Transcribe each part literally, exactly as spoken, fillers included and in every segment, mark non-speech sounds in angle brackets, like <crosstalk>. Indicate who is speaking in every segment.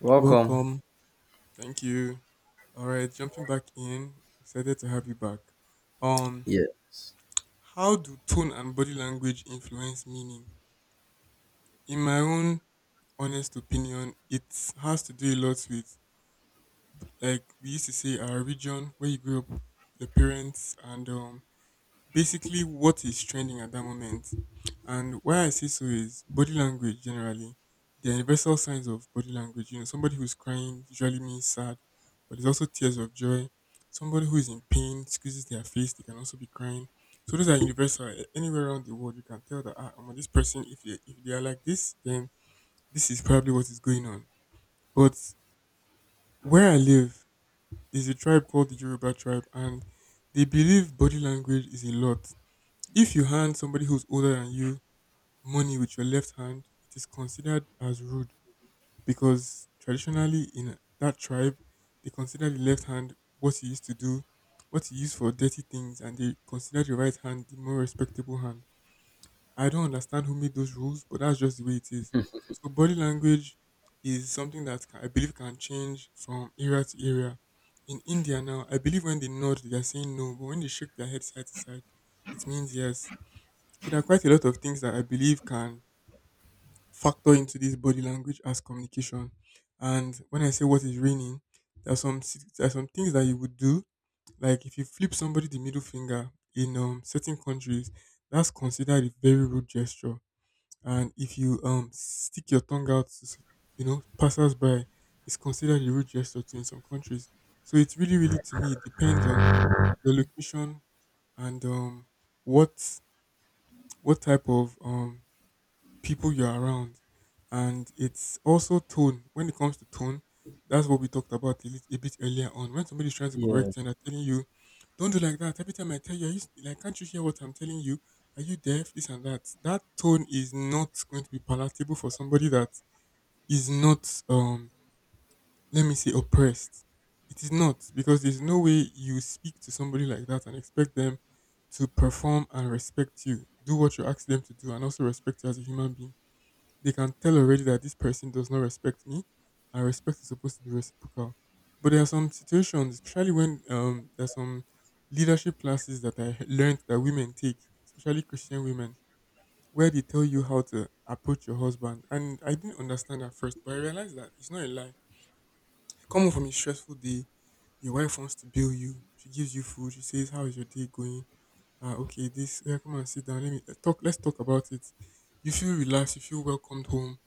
Speaker 1: Welcome.
Speaker 2: Welcome. Thank you. All right, jumping back in. Excited to have you back. Um,
Speaker 1: Yes.
Speaker 2: how do tone and body language influence meaning? In my own honest opinion, it has to do a lot with, like we used to say, our region, where you grew up, your parents, and um basically what is trending at that moment. And why I say so is body language generally. The universal signs of body language. You know, somebody who's crying usually means sad, but there's also tears of joy. Somebody who is in pain squeezes their face, they can also be crying. So those are universal. A- Anywhere around the world, you can tell that ah, omo, this person, if they if they are like this, then this is probably what is going on. But where I live is a tribe called the Yoruba tribe, and they believe body language is a lot. If you hand somebody who's older than you money with your left hand, it is considered as rude because traditionally in that tribe, they consider the left hand what you used to do, what you use for dirty things, and they consider the right hand the more respectable hand. I don't understand who made those rules, but that's just the way it is. So body language is something that ca- I believe can change from area to area. In India now, I believe when they nod, they are saying no, but when they shake their head side to side, it means yes. So there are quite a lot of things that I believe can factor into this body language as communication. And when I say what is raining, there are some si- there are some things that you would do, like if you flip somebody the middle finger in um, certain countries, that's considered a very rude gesture. And if you um stick your tongue out, to s- you know, passers-by, it's considered a rude gesture too in some countries. So it's really, really, to me, it depends on your location and um what what type of um people you're around. And it's also tone. When it comes to tone, that's what we talked about a, lit- a bit earlier on. When somebody's trying to correct you and
Speaker 1: Yes.
Speaker 2: they're telling you, "Don't do like that. Every time I tell you, are you, like, can't you hear what I'm telling you? Are you deaf? This and that." That tone is not going to be palatable for somebody that is not, um, let me say, oppressed. It is not, because there's no way you speak to somebody like that and expect them to perform and respect you, do what you ask them to do, and also respect you as a human being. They can tell already that this person does not respect me, and respect is supposed to be reciprocal. But there are some situations, especially when, um, there are some leadership classes that I learned that women take, especially Christian women, where they tell you how to approach your husband. And I didn't understand at first, but I realized that it's not a lie. Coming from a stressful day, your wife wants to bill you. She gives you food. She says, "How is your day going? Ah, okay. This. Yeah, come and sit down. Let me uh, talk. Let's talk about it." You feel relaxed. You feel welcomed home,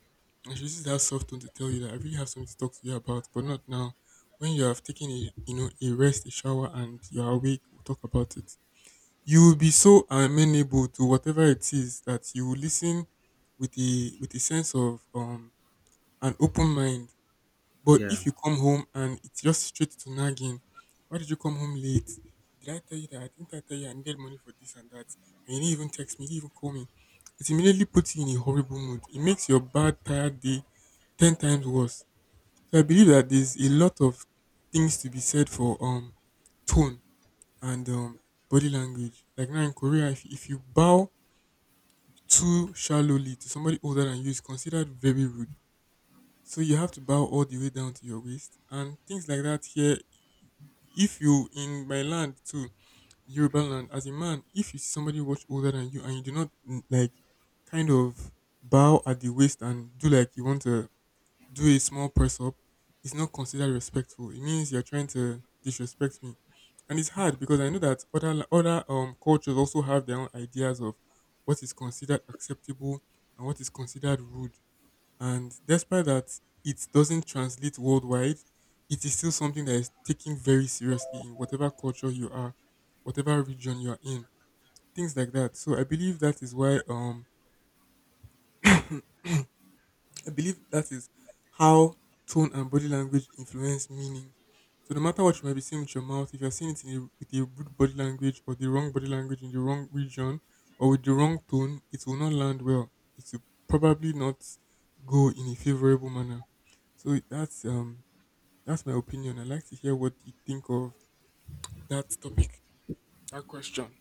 Speaker 2: and she uses that soft tone to tell you that, "I really have something to talk to you about, but not now. When you have taken a, you know, a rest, a shower, and you are awake, we'll talk about it." You will be so amenable to whatever it is that you will listen with a with a sense of um an open mind. But
Speaker 1: Yeah.
Speaker 2: if you come home and it's just straight to nagging, "Why did you come home late? Did I tell you that? Didn't I tell you I needed money for this and that? And you didn't even text me, you didn't even call me." It immediately puts you in a horrible mood. It makes your bad, tired day ten times worse. So I believe that there's a lot of things to be said for um tone and um body language. Like now in Korea, if, if you bow too shallowly to somebody older than you, it's considered very rude. So you have to bow all the way down to your waist and things like that. Here, if you, in my land too, Yoruba land, as a man, if you see somebody much older than you and you do not, mm, like, kind of bow at the waist and do like you want to do a small press up, is not considered respectful. It means you're trying to disrespect me. And it's hard because I know that other la- other um cultures also have their own ideas of what is considered acceptable and what is considered rude. And despite that it doesn't translate worldwide, it is still something that is taken very seriously in whatever culture you are, whatever region you are in, things like that. So I believe that is why um <clears throat> I believe that is how tone and body language influence meaning. So no matter what you might be saying with your mouth, if you're saying it in a, with a rude body language, or the wrong body language in the wrong region, or with the wrong tone, it will not land well. It will probably not go in a favorable manner. So that's um that's my opinion. I'd like to hear what you think of that topic, that question.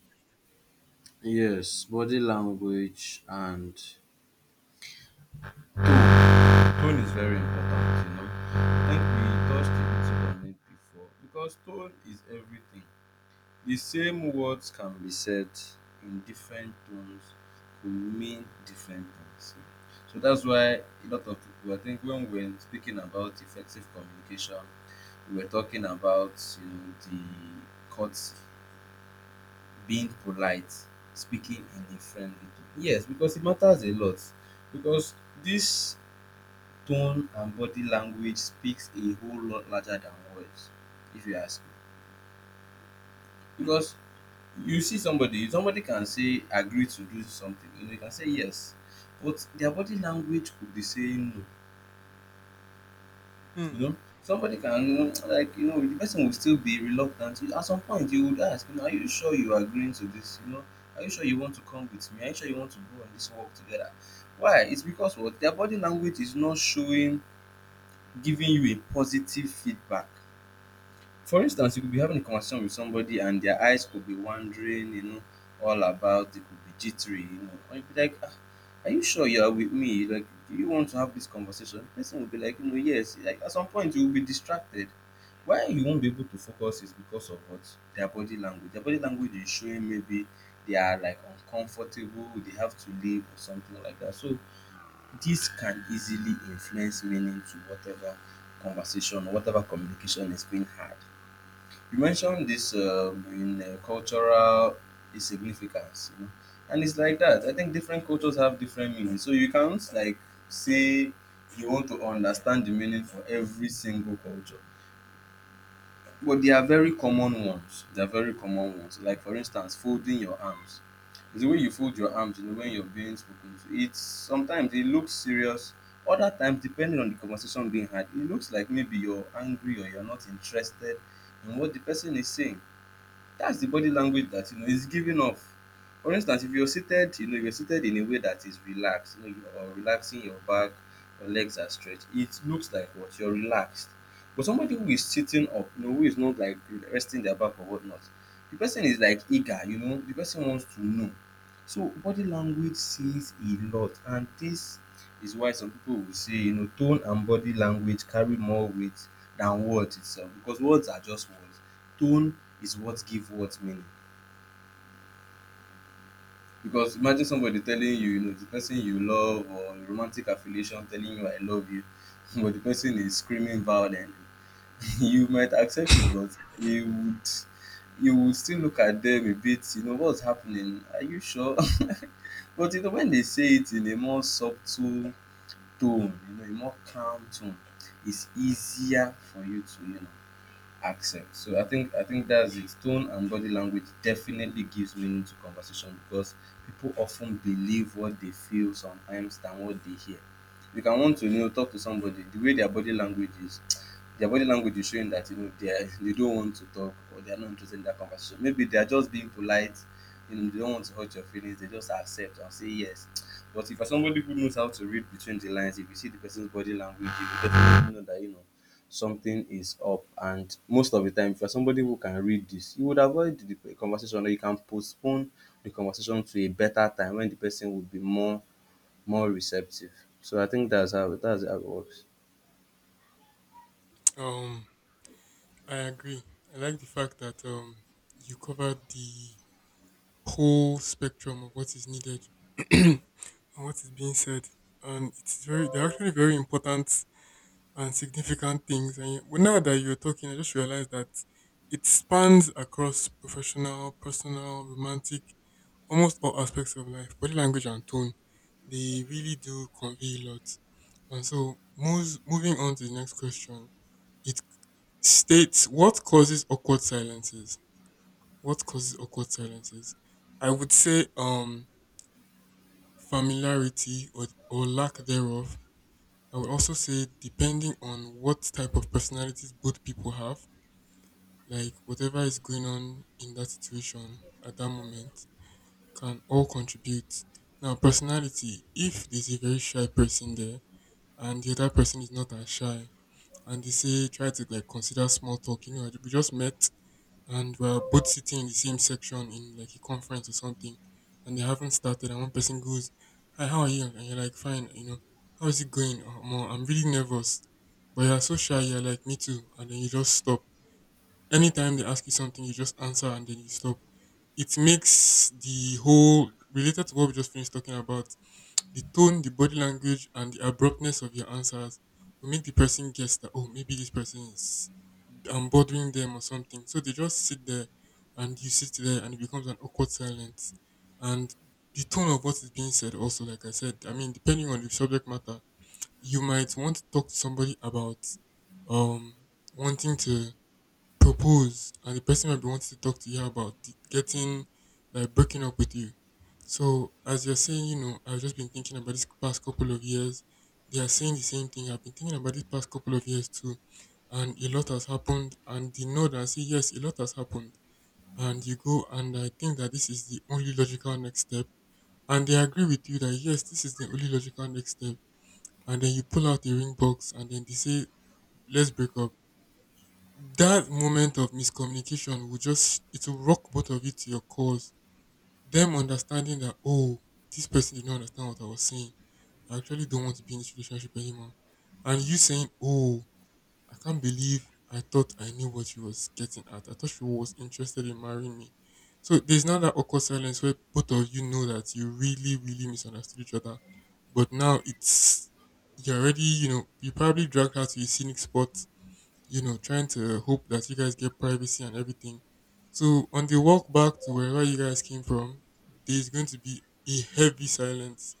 Speaker 1: Yes. Body language and tone. Tone is very important, you know. I think we touched a little on it before because tone is everything. The same words can be said in different tones to mean different things. So that's why a lot of people, I think, when we we're speaking about effective communication, we were talking about, you know, the cuts, being polite, speaking in a friendly tone. Yes, because it matters a lot. Because this tone and body language speaks a whole lot larger than words, if you ask me.
Speaker 2: Hmm.
Speaker 1: Because you see somebody, somebody can say agree to do something, and they can say yes, but their body language could be saying no.
Speaker 2: Hmm.
Speaker 1: You know, somebody can, like, you know, the person will still be reluctant. You- At some point, you would ask, you know, are you sure you are agreeing to this? You know, are you sure you want to come with me? Are you sure you want to go on this walk together? Why? It's because what their body language is not showing, giving you a positive feedback. For instance, you could be having a conversation with somebody and their eyes could be wandering, you know, all about. They could be jittery, you know, or you'd be like, ah, are you sure you are with me? Like, do you want to have this conversation? The person will be like, you know, yes. Like, at some point, you will be distracted. Why you won't be able to focus is because of what? Their body language. Their body language is showing maybe they are like uncomfortable, they have to leave or something like that. So this can easily influence meaning to whatever conversation or whatever communication is being had. You
Speaker 2: Hmm.
Speaker 1: mentioned this, um, in uh, cultural significance, you know, and it's like that. I think different cultures have different meanings, so you can't like say you want to understand the meaning for every single culture. But they are very common ones. They are very common ones. Like, for instance, folding your arms. It's the way you fold your arms, you know, when you're being spoken to. It's sometimes it looks serious. Other times, depending on the conversation being had, it looks like maybe you're angry or you're not interested in what the person is saying. That's the body language that you know is giving off. For instance, if you're seated, you know, you're seated in a way that is relaxed, you know, you are relaxing your back, your legs are stretched. It looks like what you're relaxed. But somebody who is sitting up, you know, who is not like resting their back or whatnot, the person is like eager, you know, the person wants to know. So body language says a lot, and this is why some people will say, you know, tone and body language carry more weight than words itself, because words are just words. Tone is what give what meaning. Because imagine somebody telling you, you know, the person you love or a romantic affiliation telling you I love you, <laughs> but the person is screaming violently. <laughs> You might accept it, but you would, you would still look at them a bit, you know, what's happening? Are you sure? <laughs> But you know, when they say it in a more subtle tone, you know, a more calm tone, it's easier for you to, you know, accent. So I think I think that's it. Tone and body language definitely gives meaning to conversation because people often believe what they feel sometimes than what they hear. You can want to, you know, talk to somebody the way their body language is. <tsk> Their body language is showing that you know they are, <laughs> they don't want to talk or they are not interested in that conversation. Maybe they are just being polite. You know they don't want to hurt your feelings. They just accept and say yes. <tsk> But if you're somebody who knows how to read between the lines, if you see the person's body language, you will definitely know that you know something is up, and most of the time if you're somebody who can read this you would avoid the conversation or you can postpone the conversation to a better time when the person would be more more receptive. So I think that's how, that's how it works.
Speaker 2: Um, I agree. I like the fact that um you covered the whole spectrum of what is needed <clears throat> and what is being said. And it's very, they're actually very important and significant things. And you- well, now that you're talking, I just realized that it spans across professional, personal, romantic, almost all aspects of life. Body language and tone, they really do convey a lot. And so, moves, moving on to the next question, it states, what causes awkward silences? What causes awkward silences? I would say, um, familiarity, or, or lack thereof. I would also say, depending on what type of personalities both people have, like whatever is going on in that situation at that moment, can all contribute. Now, personality: if there's a very shy person there and the other person is not as shy, and they say, try to, like, consider small talk, you know, "We just met, and we're both sitting in the same section in like a conference or something," and they haven't started, and one person goes, "Hi, how are you?" And you're like, "Fine," you know, "How is it going? Oh, Mo, I'm really nervous," but you're so shy. You're like, "Me too," and then you just stop. Anytime they ask you something, you just answer and then you stop. It makes the whole, related to what we just finished talking about, the tone, the body language, and the abruptness of your answers will make the person guess that, oh, maybe this person is, I'm bothering them or something. So they just sit there and you sit there and it becomes an awkward silence. And the tone of what is being said, also, like I said, I mean, depending on the subject matter, you might want to talk to somebody about, um, wanting to propose, and the person might be wanting to talk to you about, the- getting, like, breaking up with you. So as you're saying, you know, "I've just been thinking about this past couple of years." They are saying the same thing: "I've been thinking about this past couple of years too, and a lot has happened." And they know that, say yes, a lot has happened. And you go, and I think that this is the only logical next step. And they agree with you that, yes, this is the only logical next step. And then you pull out the ring box, and then they say, "Let's break up." That moment of miscommunication will just it will rock both of you to your cause. Them understanding that, oh, this person did not understand what I was saying. I actually don't want to be in this relationship anymore. And you saying, "Oh, I can't believe I thought I knew what she was getting at. I thought she was interested in marrying me." So there's not that awkward silence where both of you know that you really, really misunderstood each other. But now it's you're already, you know, you probably dragged her to a scenic spot, you know, trying to hope that you guys get privacy and everything. So on the walk back to wherever you guys came from, there's going to be a heavy silence,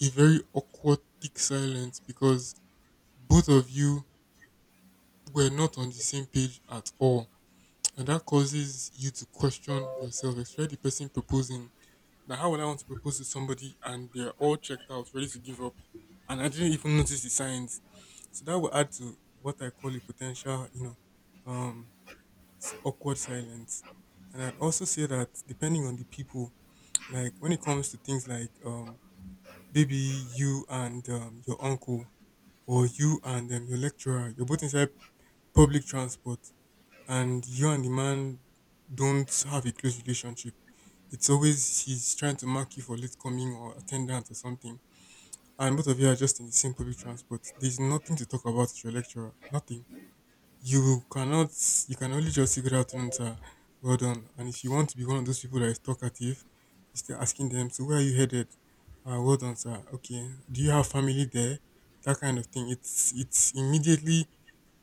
Speaker 2: a very awkward, thick silence because both of you were not on the same page at all. And that causes you to question yourself, especially the person proposing. Now, how would I want to propose to somebody and they're all checked out, ready to give up? And I didn't even notice the signs. So that will add to what I call a potential, you know, um, s- awkward silence. And I'd also say that depending on the people, like when it comes to things like um, maybe you and um, your uncle, or you and um, your lecturer, you're both inside public transport, and you and the man don't have a close relationship. It's always he's trying to mark you for late coming or attendance or something. And both of you are just in the same public transport. There's nothing to talk about with your lecturer. Nothing. You cannot You can only just figure out once, ah, well done. And if you want to be one of those people that is talkative, you start asking them, so where are you headed, ah, well done sir, okay, do you have family there, that kind of thing. It's it's immediately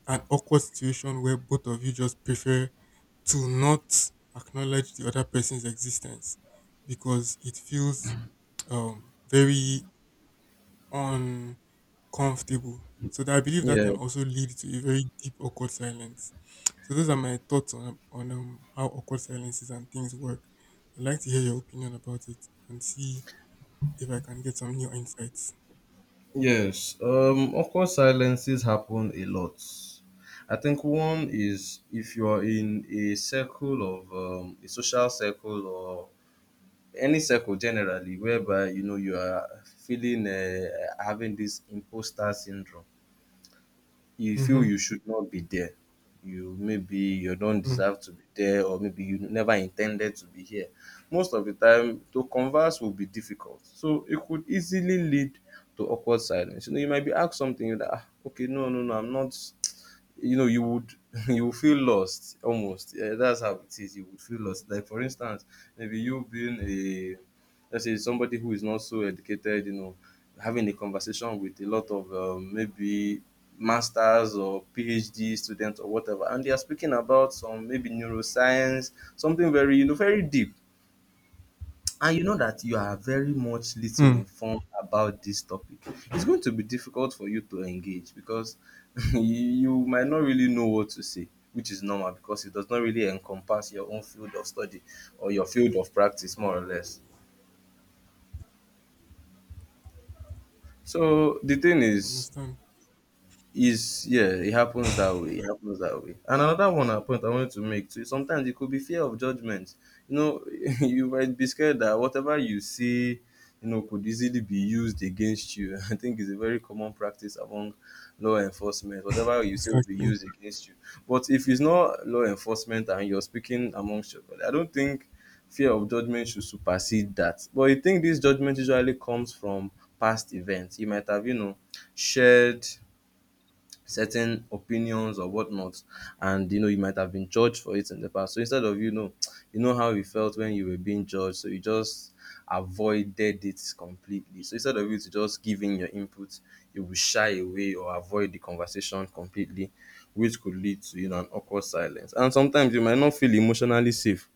Speaker 2: an awkward situation where both of you just prefer to not acknowledge the other person's existence because it feels um very uncomfortable. So that, I believe, that
Speaker 1: Yeah.
Speaker 2: can also lead to a very deep awkward silence. So those are my thoughts on on um, how awkward silences and things work. I'd like to hear your opinion about it and see if I can get some new insights.
Speaker 1: Yes. Um, of course, silences happen a lot. I think one is if you are in a circle of, um, a social circle or any circle generally, whereby you know you are feeling, uh, having this imposter syndrome, you feel
Speaker 2: Mm-hmm.
Speaker 1: you should not be there. You, maybe you don't deserve to be there, or maybe you never intended to be here. Most of the time, to converse will be difficult. So it could easily lead to awkward silence. You know, you might be asked something, you're like, ah, okay, no, no, no, I'm not. You know, you would, <laughs> you would feel lost almost. Yeah, that's how it is. You would feel lost. Like, for instance, maybe you being a, let's say somebody who is not so educated, you know, having a conversation with a lot of, um, maybe masters or phd students or whatever, and they are speaking about some maybe neuroscience, something very, you know, very deep, and you know that you are very much little
Speaker 2: Mm-hmm.
Speaker 1: informed about this topic. It's going to be difficult for you to engage because <laughs> you, you might not really know what to say, which is normal because it does not really encompass your own field of study or your field of practice, more or less. So the thing is
Speaker 2: Understand.
Speaker 1: is yeah, it happens that way. It happens that way. And another one, a point I wanted to make too. Sometimes it could be fear of judgment. You know, <laughs> you might be scared that whatever you say, you know, could easily be used against you. <laughs> I think it's a very common practice among law enforcement. Whatever you say will be
Speaker 2: Exactly.
Speaker 1: used against you. But if it's not law enforcement and you're speaking amongst your colleagues, I don't think fear of judgment should supersede that. But I think this judgment usually comes from past events. You might have, you know, shared certain opinions or whatnot, and you know you might have been judged for it in the past. So instead of, you know, <tsk> you know how you felt when you were being judged, so you just avoided it completely. So instead of you to just giving your input, you will shy away or avoid the conversation completely, which could lead to, you know, an awkward silence. And sometimes you might not feel emotionally safe,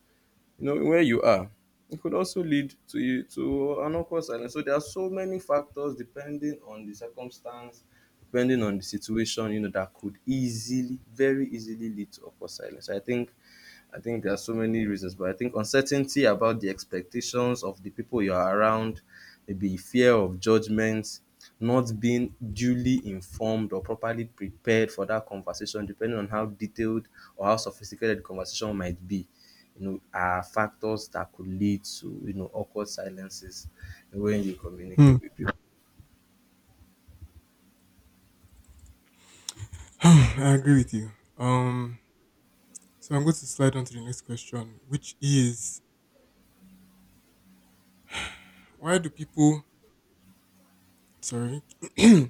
Speaker 1: you know, where you are. It could also lead to you to an awkward silence. So there are so many factors depending on the circumstance, depending on the situation, you know, that could easily, very easily lead to awkward silence. I think I think there are so many reasons, but I think uncertainty about the expectations of the people you are around, maybe fear of judgment, not being duly informed or properly prepared for that conversation, depending on how detailed or how sophisticated the conversation might be, you know, are factors that could lead to, you know, awkward silences when you
Speaker 2: Hmm.
Speaker 1: communicate with people.
Speaker 2: <sighs> I agree with you. Um. So I'm going to slide on to the next question, which is, why do people? Sorry. <clears throat>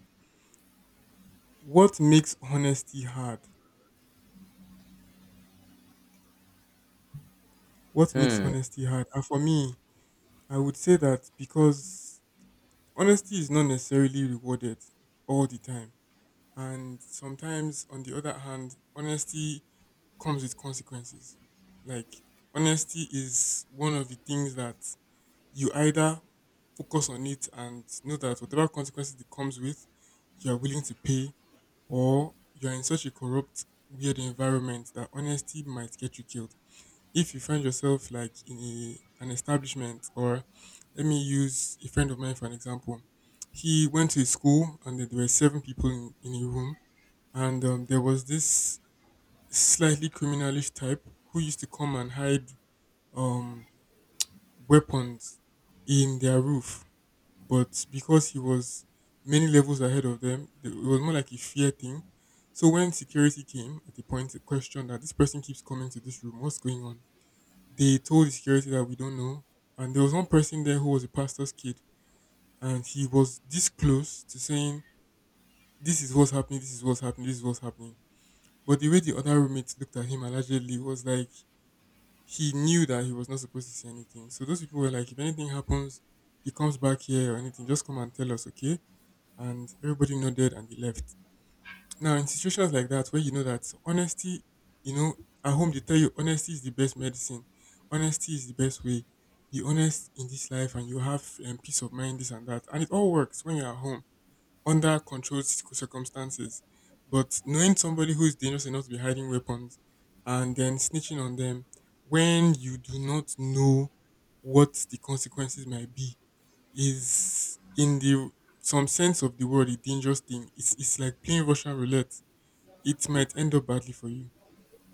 Speaker 2: What makes honesty hard? What makes
Speaker 1: Hmm.
Speaker 2: honesty hard? And for me, I would say that because honesty is not necessarily rewarded all the time. And sometimes, on the other hand, honesty comes with consequences. Like, honesty is one of the things that you either focus on it and know that whatever consequences it comes with, you are willing to pay, or you are in such a corrupt, weird environment that honesty might get you killed if you find yourself like in a, an establishment, or let me use a friend of mine for an example. He went to a school and there were seven people in, in a room, and um, there was this slightly criminalish type who used to come and hide um, weapons in their roof. But because he was many levels ahead of them, th- it was more like a fear thing. So when security came at a point, a question that this person keeps coming to this room, what's going on? They told the security that we don't know. And there was one person there who was a pastor's kid, and he was this close to saying, "This is what's happening. This is what's happening. This is what's happening." But the way the other roommates looked at him allegedly was like he knew that he was not supposed to say anything. So those people were like, "If anything happens, he comes back here or anything, just come and tell us, okay?" And everybody nodded and they left. Now, in situations like that, where you know that honesty, you know, at home they tell you honesty is the best medicine, honesty is the best way. Be honest in this life, and you have um, peace of mind, this and that, and it all works when you're at home under controlled circ- circumstances. But knowing somebody who is dangerous enough to be hiding weapons, and then snitching on them when you do not know what the consequences might be, is in the some sense of the word a dangerous thing. It's it's like playing Russian roulette. It might end up badly for you.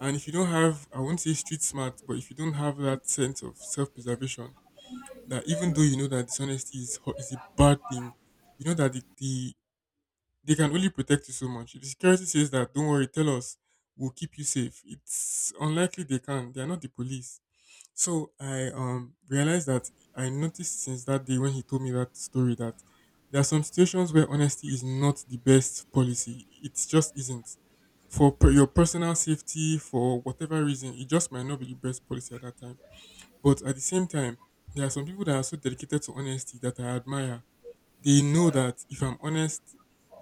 Speaker 2: And if you don't have, I won't say street smart, but if you don't have that sense of self preservation, that even though you know that dishonesty is ho- is a bad thing, you know that the, the they can only protect you so much. If the security says that, don't worry, tell us, we'll keep you safe, it's unlikely they can. They are not the police. So I um realized that I noticed since that day when he told me that story, that there are some situations where honesty is not the best policy. It just isn't. For per- your personal safety, for whatever reason, it just might not be the best policy at that time. But at the same time, there are some people that are so dedicated to honesty that I admire. They know that if I'm honest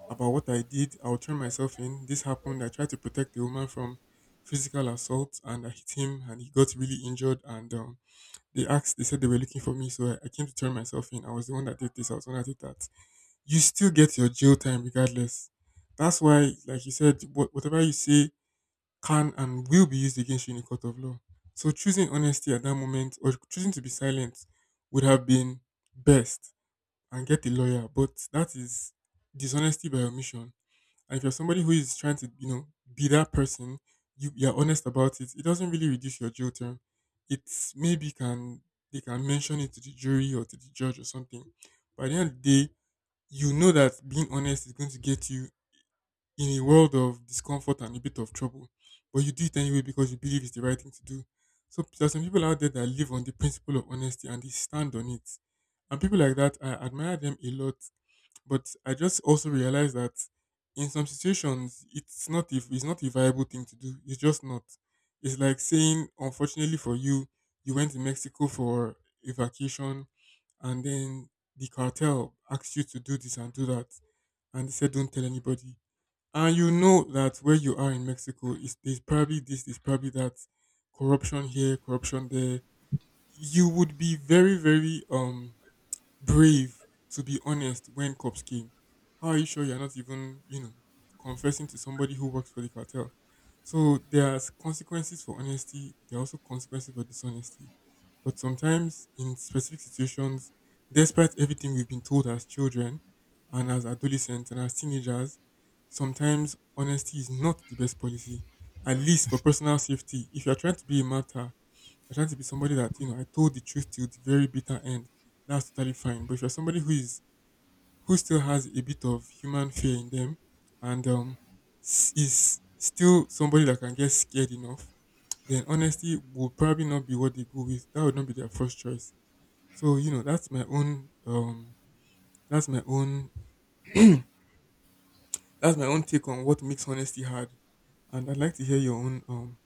Speaker 2: about what I did, I'll turn myself in. This happened. I tried to protect the woman from physical assault and I hit him and he got really injured, and um they asked, they said they were looking for me, so I, I came to turn myself in. I was the one that did this, I was the one that did that. You still get your jail time regardless. That's why, like you said, what, whatever you say can and will be used against you in a court of law. So choosing honesty at that moment or choosing to be silent would have been best, and get a lawyer. But that is dishonesty by omission. And if you're somebody who is trying to, you know, be that person, you you're honest about it, it doesn't really reduce your jail term. It's maybe can they can mention it to the jury or to the judge or something. But at the end of the day, you know that being honest is going to get you in a world of discomfort and a bit of trouble. But you do it anyway because you believe it's the right thing to do. So there's some people out there that live on the principle of honesty and they stand on it. And people like that, I admire them a lot. But I just also realized that in some situations, it's not, if it's not a viable thing to do. It's just not. It's like saying, unfortunately for you, you went to Mexico for a vacation, and then the cartel asked you to do this and do that, and they said, don't tell anybody. And you know that where you are in Mexico is there's probably this, there's probably that, corruption here, corruption there. You would be very, very um brave to be honest when cops came. How are you sure you're not even, you know, confessing to somebody who works for the cartel? So there's consequences for honesty. There are also consequences for dishonesty. But sometimes in specific situations, despite everything we've been told as children and as adolescents and as teenagers, sometimes honesty is not the best policy. At least for personal safety. If you're trying to be a martyr, if you're trying to be somebody that, you know, I told the truth till the very bitter end, that's totally fine. But if you're somebody who is who still has a bit of human fear in them, and um s- is still somebody that can get scared enough, then honesty will probably not be what they go with. That would not be their first choice. So, you know, that's my own um that's my own <clears throat> that's my own take on what makes honesty hard. And I'd like to hear your own um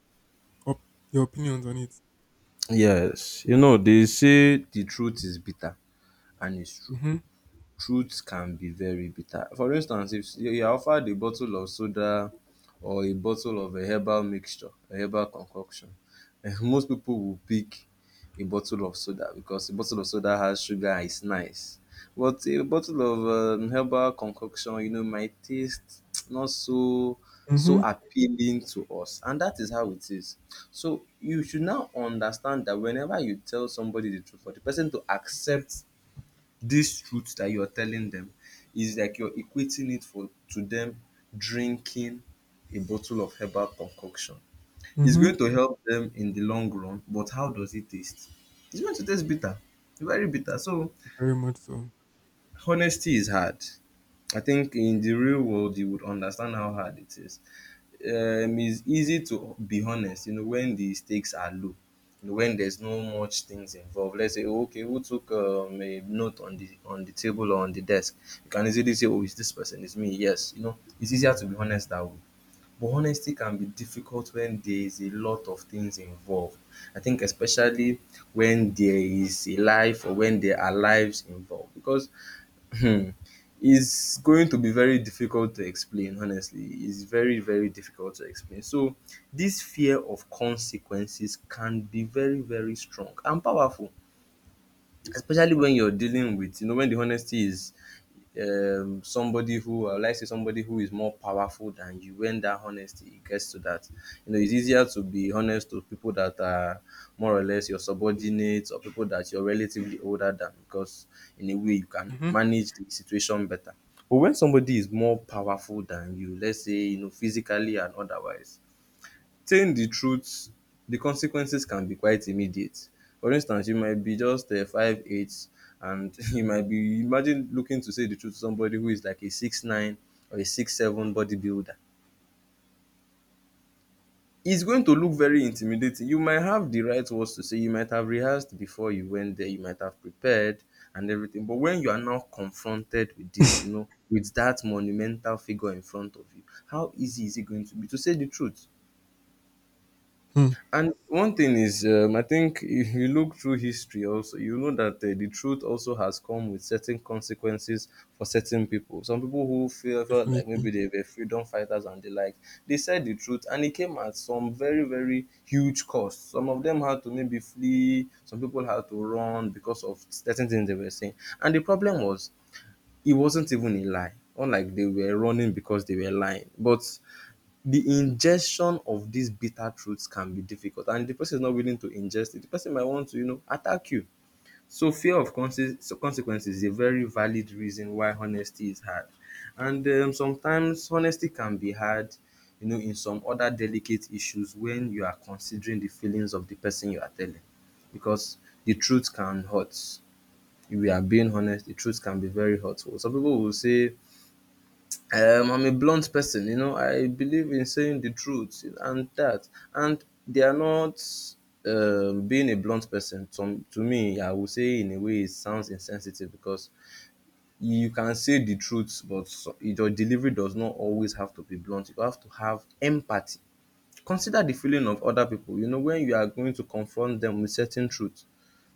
Speaker 2: op- your opinions on it.
Speaker 1: Yes. You know, they say the truth is bitter, and it's true.
Speaker 2: Mm-hmm.
Speaker 1: Truth can be very bitter. For instance, if you you are offered a bottle of soda or a bottle of a herbal mixture, a herbal concoction, <laughs> most people will pick a bottle of soda because a bottle of soda has sugar and it's nice. But a bottle of, um, herbal concoction, you know, might taste <tsk> not so so
Speaker 2: Mm-hmm.
Speaker 1: appealing to us, and that is how it is. So you should now understand that whenever you tell somebody the truth, for the person to accept this truth that you're telling them is like you're equating it for to them drinking a bottle of herbal concoction. It's
Speaker 2: Mm-hmm.
Speaker 1: going to help them in the long run, but how does it taste? It's going to taste bitter, very bitter. So
Speaker 2: Very much so.
Speaker 1: honesty is hard. I think in the real world you would understand how hard it is. Um, it's easy to be honest, you know, when the stakes are low, you know, when there's no much things involved. Let's say, "Oh, okay, who took, um, a note on the on the table or on the desk? You can easily say, oh, it's this person, it's me. Yes, you know, it's easier to be honest that way. But honesty can be difficult when there's a lot of things involved. I think especially when there is a life or when there are lives involved, because Hmm. It's going to be very difficult to explain, honestly. It's very, very difficult to explain. So, this fear of consequences can be very, very strong and powerful, especially when you're dealing with, you know, when the honesty is um, somebody who, I would like to say somebody who is more powerful than you, when that honesty gets to that, you know. It's easier to be honest to people that are more or less your subordinates or people that you're relatively older than, because in a way you can
Speaker 2: Mm-hmm.
Speaker 1: manage the situation better. But when somebody is more powerful than you, let's say, you know, physically and otherwise, saying the truth, the consequences can be quite immediate. For instance, you might be just uh, five eight, and <laughs> you might be imagine looking to say the truth to somebody who is like a six nine or a six seven bodybuilder. It's going to look very intimidating. You might have the right words to say. You might have rehearsed before you went there. You might have prepared and everything. But when you are now confronted with this, you
Speaker 2: <laughs>
Speaker 1: know, with that monumental figure in front of you, how easy is it going to be to say the truth?
Speaker 2: Hmm,
Speaker 1: And one thing is, um, I think if you look through history, also you know that uh, the truth also has come with certain consequences for certain people. Some people who feel felt like
Speaker 2: definitely.
Speaker 1: maybe they were freedom fighters and the like, they said the truth, and it came at some very very huge cost. Some of them had to maybe flee. Some people had to run because of certain things they were saying. And the problem was, it wasn't even a lie. Unlike they were running because they were lying, but the ingestion of these bitter truths can be difficult, and if the person is not willing to ingest it, the person might want to, you know, attack you. So fear of consequences is a very valid reason why honesty is hard. And um, sometimes honesty can be hard, you know, in some other delicate issues when you are considering the feelings of the person you are telling, because the truth can hurt. If we are being honest, the truth can be very hurtful. Some people will say, Um, "I'm a blunt person, you know. I believe in saying the truth," and that, and they are not um, being a blunt person. To, to me, I would say in a way it sounds insensitive, because you can say the truth, but so- your delivery does not always have to be blunt. You have to have empathy. Consider the feeling of other people. You know, when you are going to confront them with certain truth,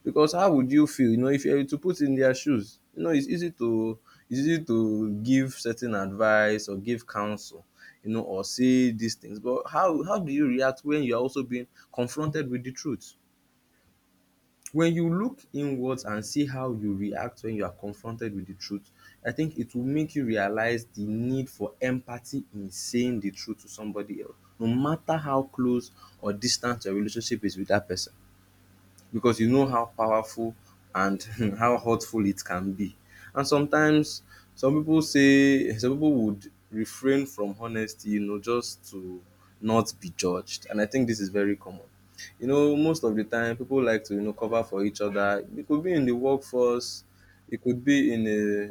Speaker 1: because how would you feel, you know, if you were to put in their shoes? You know, it's easy to, it's easy to give certain advice or give counsel, you know, or say these things. But how how do you react when you are also being confronted with the truth? When you look inwards and see how you react when you are confronted with the truth, I think it will make you realize the need for empathy in saying the truth to somebody else, no matter how close or distant your relationship is with that person, because you know how powerful and <laughs> how hurtful it can be. And sometimes some people say some people would refrain from honesty, you know, just to not be judged. And I think this is very common. You know, most of the time people like to, you know, cover for each other. It could be in the workforce, it could be in a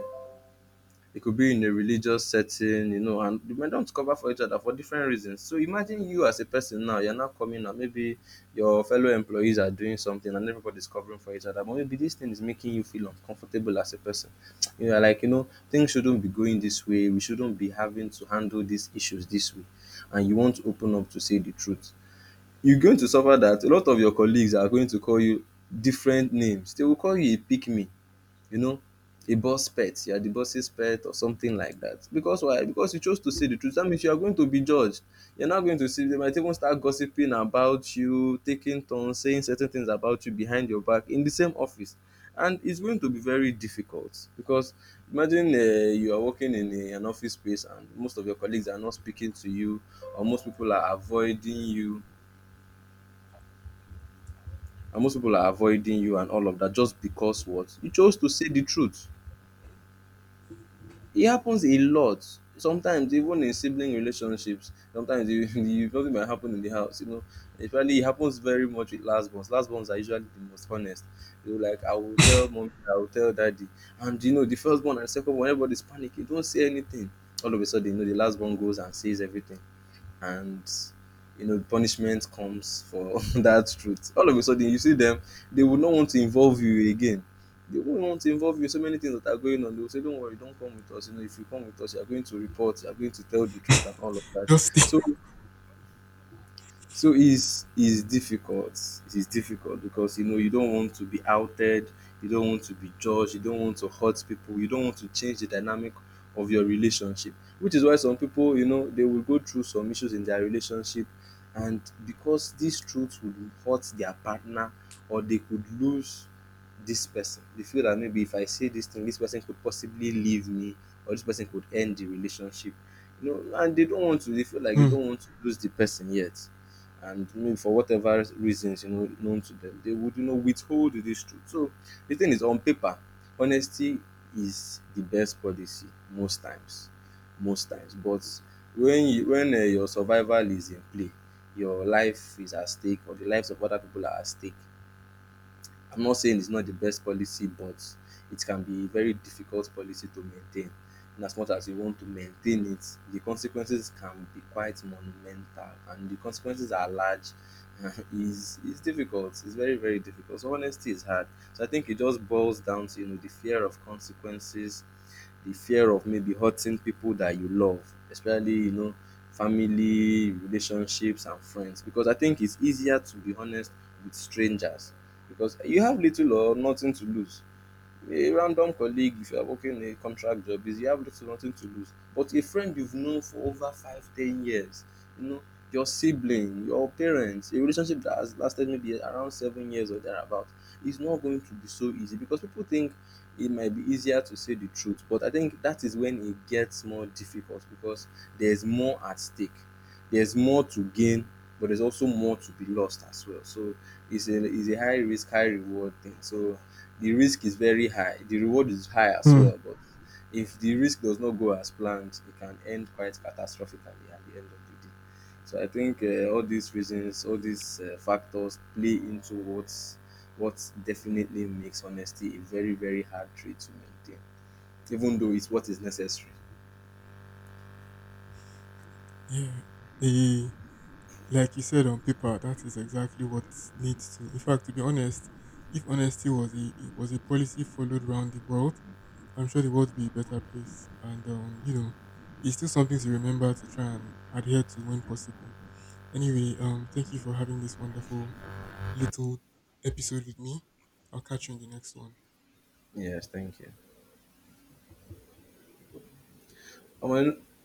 Speaker 1: it could be in a religious setting, you know, and they might not cover for each other for different reasons. So imagine you as a person now, you're now coming out, maybe your fellow employees are doing something and everybody's covering for each other, but maybe this thing is making you feel uncomfortable as a person. You are like, you know, things shouldn't be going this way, we shouldn't be having to handle these issues this way, and you want to open up to say the truth. You're going to suffer, that a lot of your colleagues are going to call you different names. They will call you a pick me, you know, a boss pet. You are the boss's pet or something like that. Because why? Because you chose to say the truth. That means you are going to be judged. You're not going to see, they might even start gossiping about you, taking turns, saying certain things about you behind your back in the same office. And it's going to be very difficult because imagine uh, you are working in a, an office space and most of your colleagues are not speaking to you, or most people are avoiding you, and most people are avoiding you and all of that just because what? You chose to say the truth. It happens a lot. Sometimes even in sibling relationships, sometimes you, <laughs> you something might happen in the house, you know. Especially it happens very much with last borns. Last borns are usually the most honest. You know, like, "I will tell mommy, I will tell daddy." And you know, the first born and second born, everybody's panicking, "Don't say anything." All of a sudden, you know, the last born goes and says everything. And you know punishment comes for <laughs> that truth. All of a sudden you see them, they would not want to involve you again, they won't want to involve you in so many things that are going on. They will say, "Don't worry, don't come with us, you know. If you come with us, you are going to report, you are going to tell the truth," and all of
Speaker 2: <laughs>
Speaker 1: that.
Speaker 2: Just think.
Speaker 1: So so it's it's difficult. It is difficult because you know you don't want to be outed, you don't want to be judged, you don't want to hurt people, you don't want to change the dynamic of your relationship. Which is why some people, you know, they will go through some issues in their relationship, and because these truths would hurt their partner, or they could lose this person. They feel that maybe if I say this thing, this person could possibly leave me, or this person could end the relationship. You know, and they don't want to. They feel like you
Speaker 2: Hmm,
Speaker 1: don't want to lose the person yet, and maybe for whatever reasons you know known to them, they would you know withhold this truth. So the thing is, on paper, honesty is the best policy most times, most times. But when you, when uh, your survival is in play, your life is at stake, or the lives of other people are at stake, I'm not saying it's not the best policy, but it can be a very difficult policy to maintain. In as much as you want to maintain it, the consequences can be quite monumental, and the consequences are large. <laughs> is is difficult. It's very very difficult. So honesty is hard. So I think it just boils down to, you know, the fear of consequences, the fear of maybe hurting people that you love, especially you know family, relationships, and friends. Because I think it's easier to be honest with strangers, because you have little or nothing to lose. A random colleague, if you are working a contract job, is you have little nothing to lose. But a friend you've known for over five ten years, you know, your sibling, your parents, a relationship that has lasted maybe around seven years or thereabout, is not going to be so easy, because people think it might be easier to say the truth, but I think that is when it gets more difficult, because there's more at stake, there's more to gain, but there's also more to be lost as well. So it's a, it's a high risk high reward thing. So the risk is very high, the reward is high as
Speaker 2: hmm.
Speaker 1: well, but if the risk does not go as planned, it can end quite catastrophically at the end of the day. So I think uh, all these reasons, all these uh, factors play into what's what definitely makes honesty a very very hard trait to maintain, even though it's what is necessary.
Speaker 2: Yeah. The, like you said, on paper, that is exactly what needs to. In fact, to be honest, if honesty was a, it was a policy followed around the world, I'm sure the world would be a better place. And um, you know, it's still something to remember to try and adhere to when possible. Anyway, um, thank you for having this wonderful little episode with me. I'll catch you in the next one.
Speaker 1: Yes, thank you. I